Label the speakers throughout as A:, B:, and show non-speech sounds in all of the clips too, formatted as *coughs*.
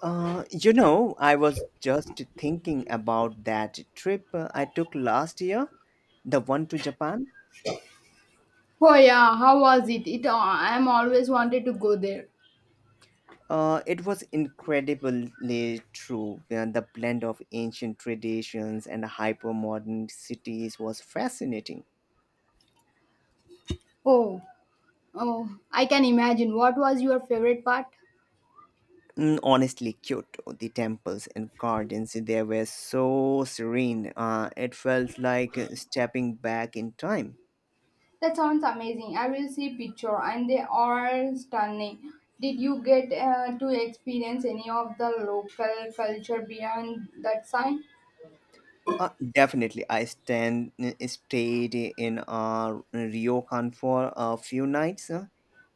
A: I was just thinking about that trip I took last year, the one to Japan.
B: Oh yeah, how was it? I'm always wanted to go there.
A: It was incredibly true. The blend of ancient traditions and hyper-modern cities was fascinating.
B: Oh, Oh, I can imagine. What was your favorite part?
A: Honestly, Kyoto, the temples and gardens, they were so serene. It felt like stepping back in time.
B: That sounds amazing. I will see picture and they are stunning. Did you get to experience any of the local culture beyond that sign?
A: Definitely, I stand stayed in Ryokan for a few nights,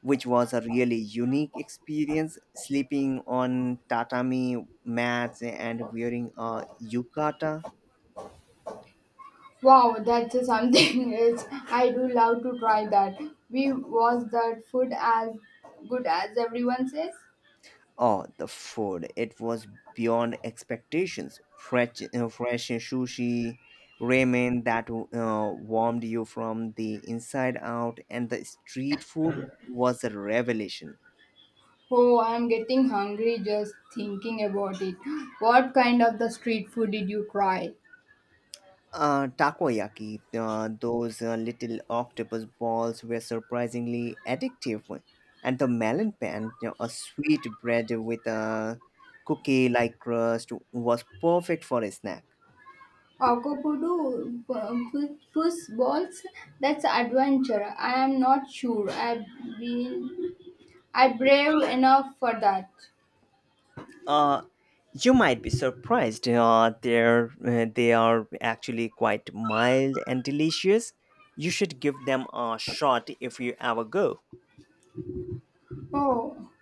A: which was a really unique experience. Sleeping on tatami mats and wearing a yukata.
B: Wow, that's something *laughs* else. I do love to try that. We was that food as good as everyone says?
A: Oh, the food! It was beyond expectations. Fresh sushi, ramen that warmed you from the inside out, and the street food was a revelation.
B: Oh, I'm getting hungry just thinking about it. What kind of the street food did you try?
A: Takoyaki, those little octopus balls were surprisingly addictive. And the melon pan, a sweet bread with a cookie like crust, was perfect for a snack.
B: Akapudu puss balls. That's adventure. I am not sure. Been I brave enough for that.
A: Uh, you might be surprised. They are actually quite mild and delicious. You should give them a shot if you ever go.
B: Oh,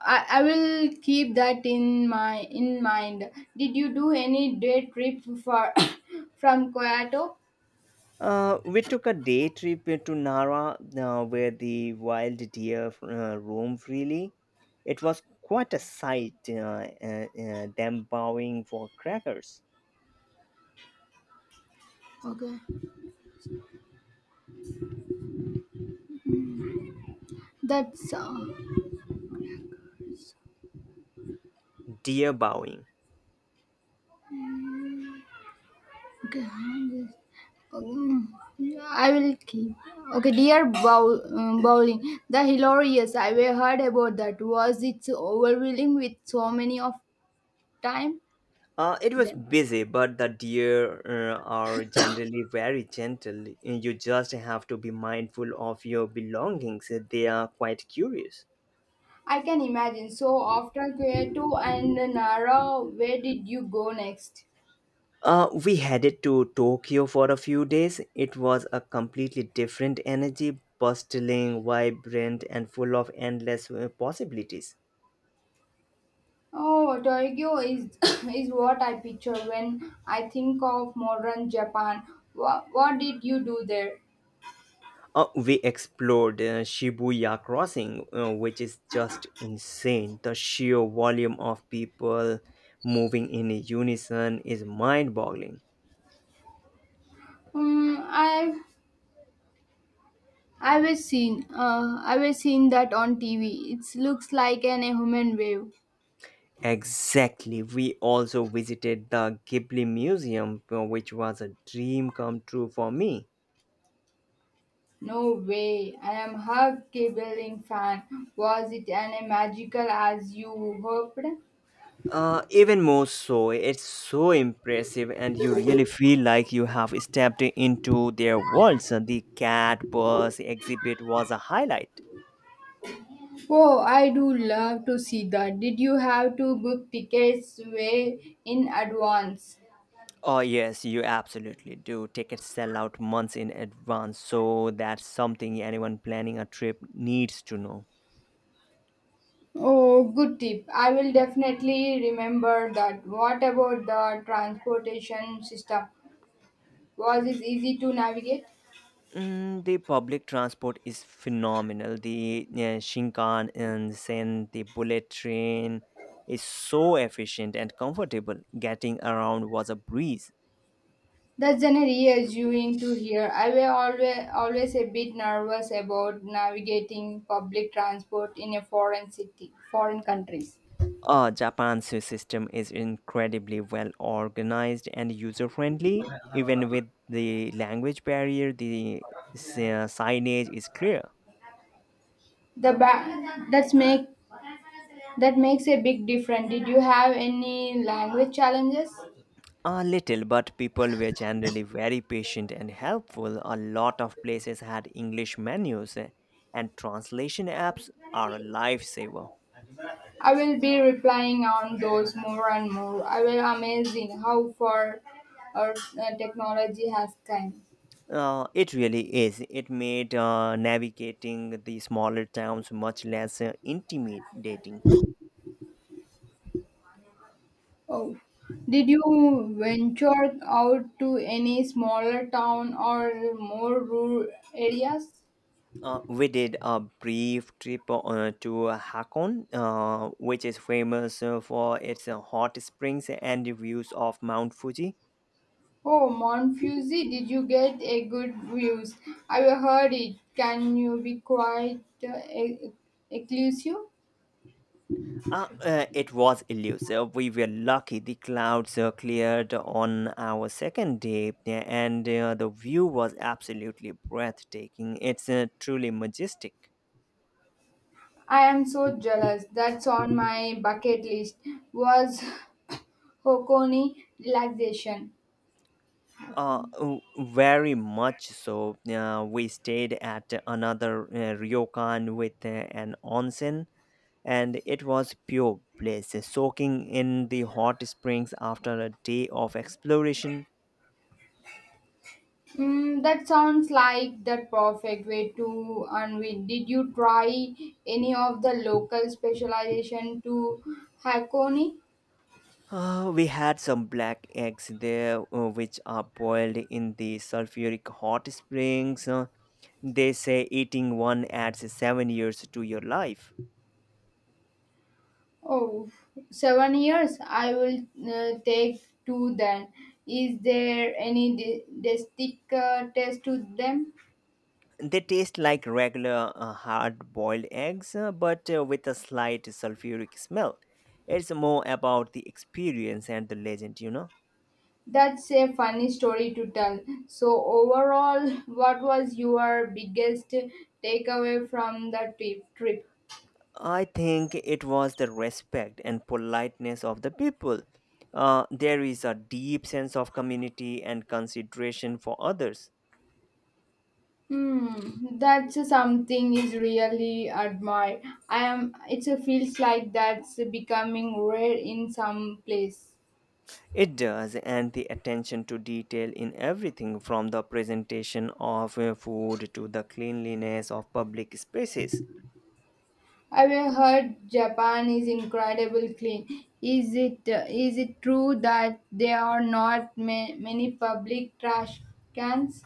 B: I will keep that in my in mind. Did you do any day trip for *coughs* from Kyoto?
A: We took a day trip to Nara, where the wild deer roam freely. It was quite a sight, them bowing for crackers.
B: Okay, that's
A: Deer bowing.
B: okay. Um, I will keep. Okay, dear bow, bowling. The hilarious I have heard about that was it so overwhelming with so many of time
A: It was
B: them.
A: busy, but the deer are generally very gentle. You just have to be mindful of your belongings. They are quite curious.
B: I can imagine. So after Kyoto and Nara, where did you go next?
A: We headed to Tokyo for a few days. It was a completely different energy, bustling, vibrant, and full of endless possibilities.
B: Oh, Tokyo is *coughs* is what I picture when I think of modern Japan. What did you do there?
A: We explored Shibuya Crossing, which is just insane. The sheer volume of people moving in unison is mind boggling.
B: Um, I I was seen that on TV. It looks like an human wave.
A: Exactly. We also visited the Ghibli Museum, which was a dream come true for me.
B: No way. I am half cabling fan. Was it an magical as you hoped?
A: Even more so, it's so impressive, and you really feel like you have stepped into their worlds. The cat bus exhibit was a highlight.
B: Oh, I do love to see that. Did you have to book tickets way in advance?
A: Oh, yes, you absolutely do. Tickets sell out months in advance, so that's something anyone planning a trip needs to know.
B: Oh, good tip. I will definitely remember that. What about the transportation system? Was it easy to navigate?
A: Mm, the public transport is phenomenal. The Shinkansen, the bullet train is so efficient and comfortable. Getting around was a breeze.
B: That's an reassuring to hear. I was always a bit nervous about navigating public transport in a foreign city, foreign countries.
A: Japan's system is incredibly well organized and user friendly. Even with the language barrier, the signage is clear.
B: The ba- that's make That makes a big difference. Did you have any language challenges?
A: A little, but people were generally very patient and helpful. A lot of places had English menus, and translation apps are a lifesaver.
B: I will be replying on those more and more. I will amazing how far our technology has come.
A: It really is. It made navigating the smaller towns much less intimidating.
B: Oh, did you venture out to any smaller town or more rural areas?
A: We did a brief trip to Hakon, which is famous for its hot springs and the views of Mount Fuji.
B: Oh, Monfuzi, did you get a good views? I heard it. Can you be quite exclusive?
A: It was elusive. We were lucky the clouds cleared on our second day, yeah, and the view was absolutely breathtaking. It's truly majestic.
B: I am so jealous. That's on my bucket list. Was *coughs* Hokoni relaxation? Hokoni.
A: Very much so. We stayed at another ryokan with an onsen and it was pure bliss, soaking in the hot springs after a day of exploration.
B: Mm, that sounds like the perfect way to unwind. Did you try any of the local specialization to Hakone?
A: We had some black eggs there, which are boiled in the sulfuric hot springs. They say eating one adds 7 years to your life.
B: Oh, 7 years. I will take two then. Is there any distinct test to them?
A: They taste like regular hard boiled eggs, but with a slight sulfuric smell. It's more about the experience and the legend, you know.
B: That's a funny story to tell. So overall, *laughs* what was your biggest takeaway from the trip.
A: I think it was the respect and politeness of the people. There is a deep sense of community and consideration for others.
B: Hmm, that's something is really admire. I am. It feels like that's becoming rare in some place.
A: It does, and the attention to detail in everything from the presentation of food to the cleanliness of public spaces.
B: I Have heard Japan is incredibly clean? Is it true that there are not many public trash cans?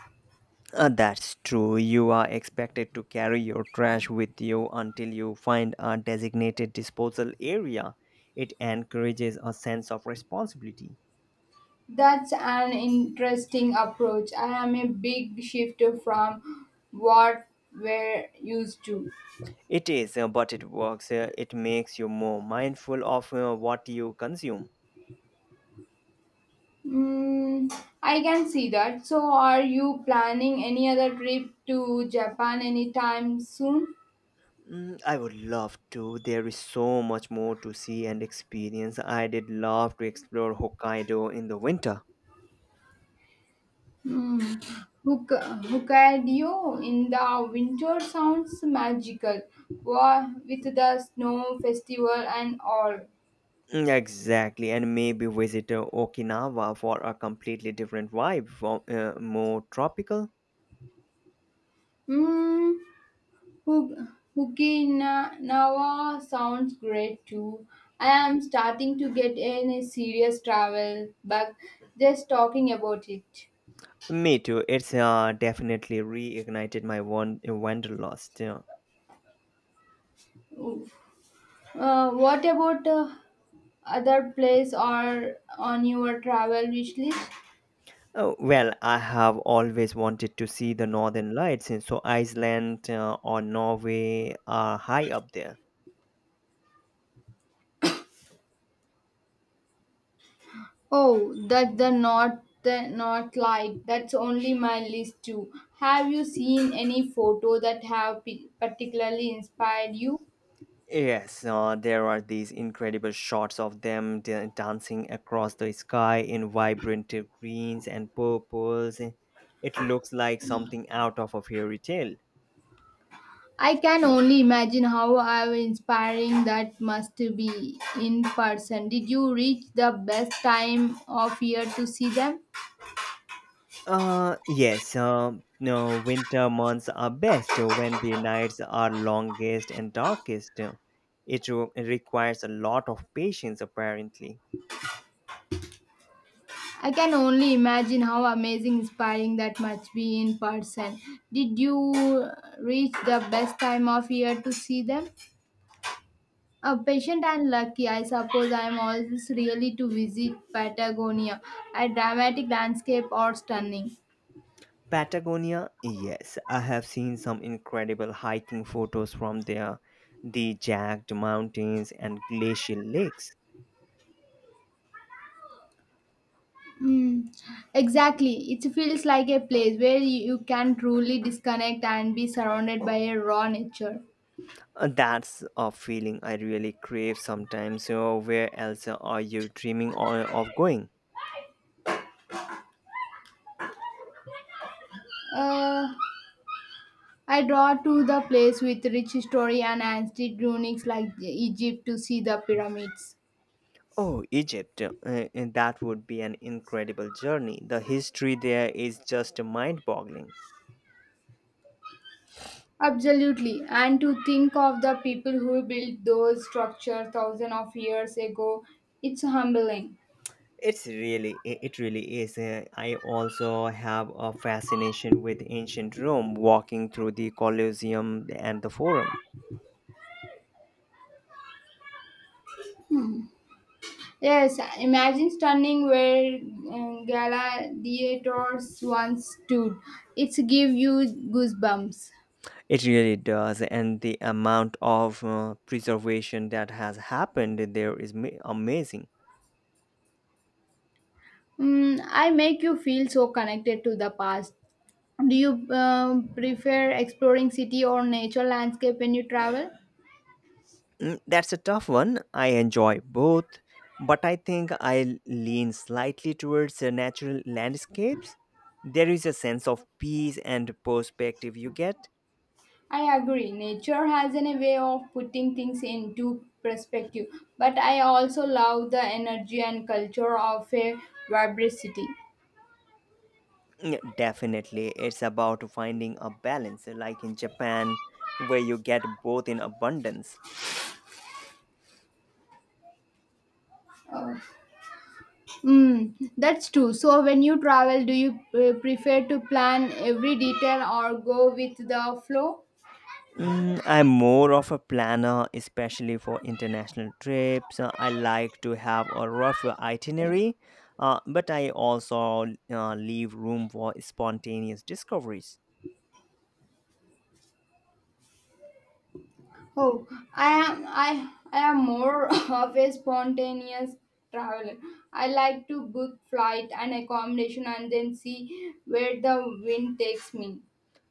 A: That's true. You are expected to carry your trash with you until you find a designated disposal area. It encourages a sense of responsibility.
B: That's an interesting approach. I am a big shift from what we're used to.
A: It is, but it works. It makes you more mindful of what you consume.
B: Mm, I can see that. So, are you planning any other trip to Japan anytime soon?
A: Mm, I would love to. There is so much more to see and experience. I did love to explore Hokkaido in the winter.
B: Mm, Hokkaido in the winter sounds magical, Wa with the snow festival and all.
A: Exactly, and maybe visit Okinawa for a completely different vibe, more tropical.
B: Mm, Hok- Okinawa sounds great too. I am starting to get in a serious travel bug just talking about it.
A: Me too. It's definitely reignited my wanderlust. Yeah.
B: What about other places are on your travel wish list?
A: Oh, well, I have always wanted to see the Northern Lights, and so Iceland or Norway are high up there.
B: Oh, that's the North Light. That's only my list too. Have you seen any photo that have particularly inspired you?
A: Yes, there are these incredible shots of them dancing across the sky in vibrant greens and purples. It looks like something out of a fairy tale.
B: I can only imagine how inspiring that must be in person. Did you reach the best time of year to see them?
A: Yes, no, winter months are best when the nights are longest and darkest. It requires a lot of patience, apparently.
B: I can only imagine how amazing, inspiring that must be in person. Did you uh, reach the best time of year to see them? A patient and lucky, I suppose I am always really to visit Patagonia, a dramatic landscape or stunning.
A: Patagonia, yes, I have seen some incredible hiking photos from there. The jagged mountains and glacial lakes.
B: Mm, exactly. It feels like a place where you can truly disconnect and be surrounded by a raw nature.
A: That's a feeling I really crave sometimes. So, where else are you dreaming of going?
B: Uh, I draw to the place with rich history and ancient ruins like Egypt to see the pyramids.
A: Oh, Egypt. And that would be an incredible journey. The history there is just mind-boggling.
B: Absolutely, and to think of the people who built those structures thousands of years ago, it's humbling.
A: It really is. I also have a fascination with ancient Rome, walking through the Colosseum and the Forum.
B: Yes, imagine standing where gladiators once stood. It's give you goosebumps.
A: It really does, and the amount of preservation that has happened there is amazing.
B: Mm, I make you feel so connected to the past. Do you prefer exploring city or nature landscape when you travel?
A: That's a tough one. I enjoy both, but I think I lean slightly towards the natural landscapes. There is a sense of peace and perspective you get.
B: I agree. Nature has a way of putting things into perspective, but I also love the energy and culture of a vibrant city.
A: Definitely, it's about finding a balance, like in Japan, where you get both in abundance.
B: Uh, that's true. So when you travel, do you prefer to plan every detail or go with the flow?
A: Mm, I'm more of a planner, especially for international trips. I like to have a rough itinerary, but I also leave room for spontaneous discoveries.
B: Oh, I am more *laughs* of a spontaneous traveler. I like to book flight and accommodation and then see where the wind takes me.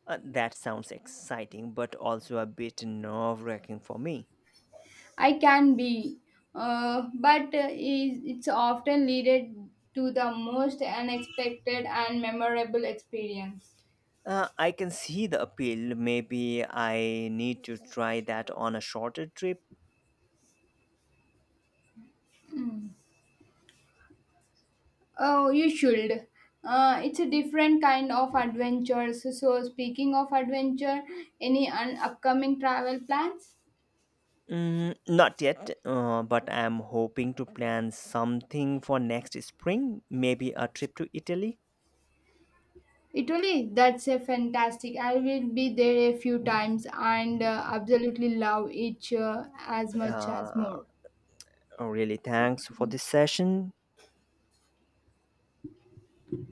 A: That sounds exciting, but also a bit nerve wracking for me.
B: I can be, but it's often leaded to the most unexpected and memorable experience.
A: I can see the appeal. Maybe I need to try that on a shorter trip.
B: Oh, you should. It's a different kind of adventure. So speaking of adventure, any upcoming travel plans?
A: Mm, not yet, but I'm hoping to plan something for next spring, maybe a trip to Italy.
B: Italy, that's a fantastic. I will be there a few times and absolutely love it as much as
A: Uh,
B: more.
A: oh, really, thanks for this
B: Okay.
A: session.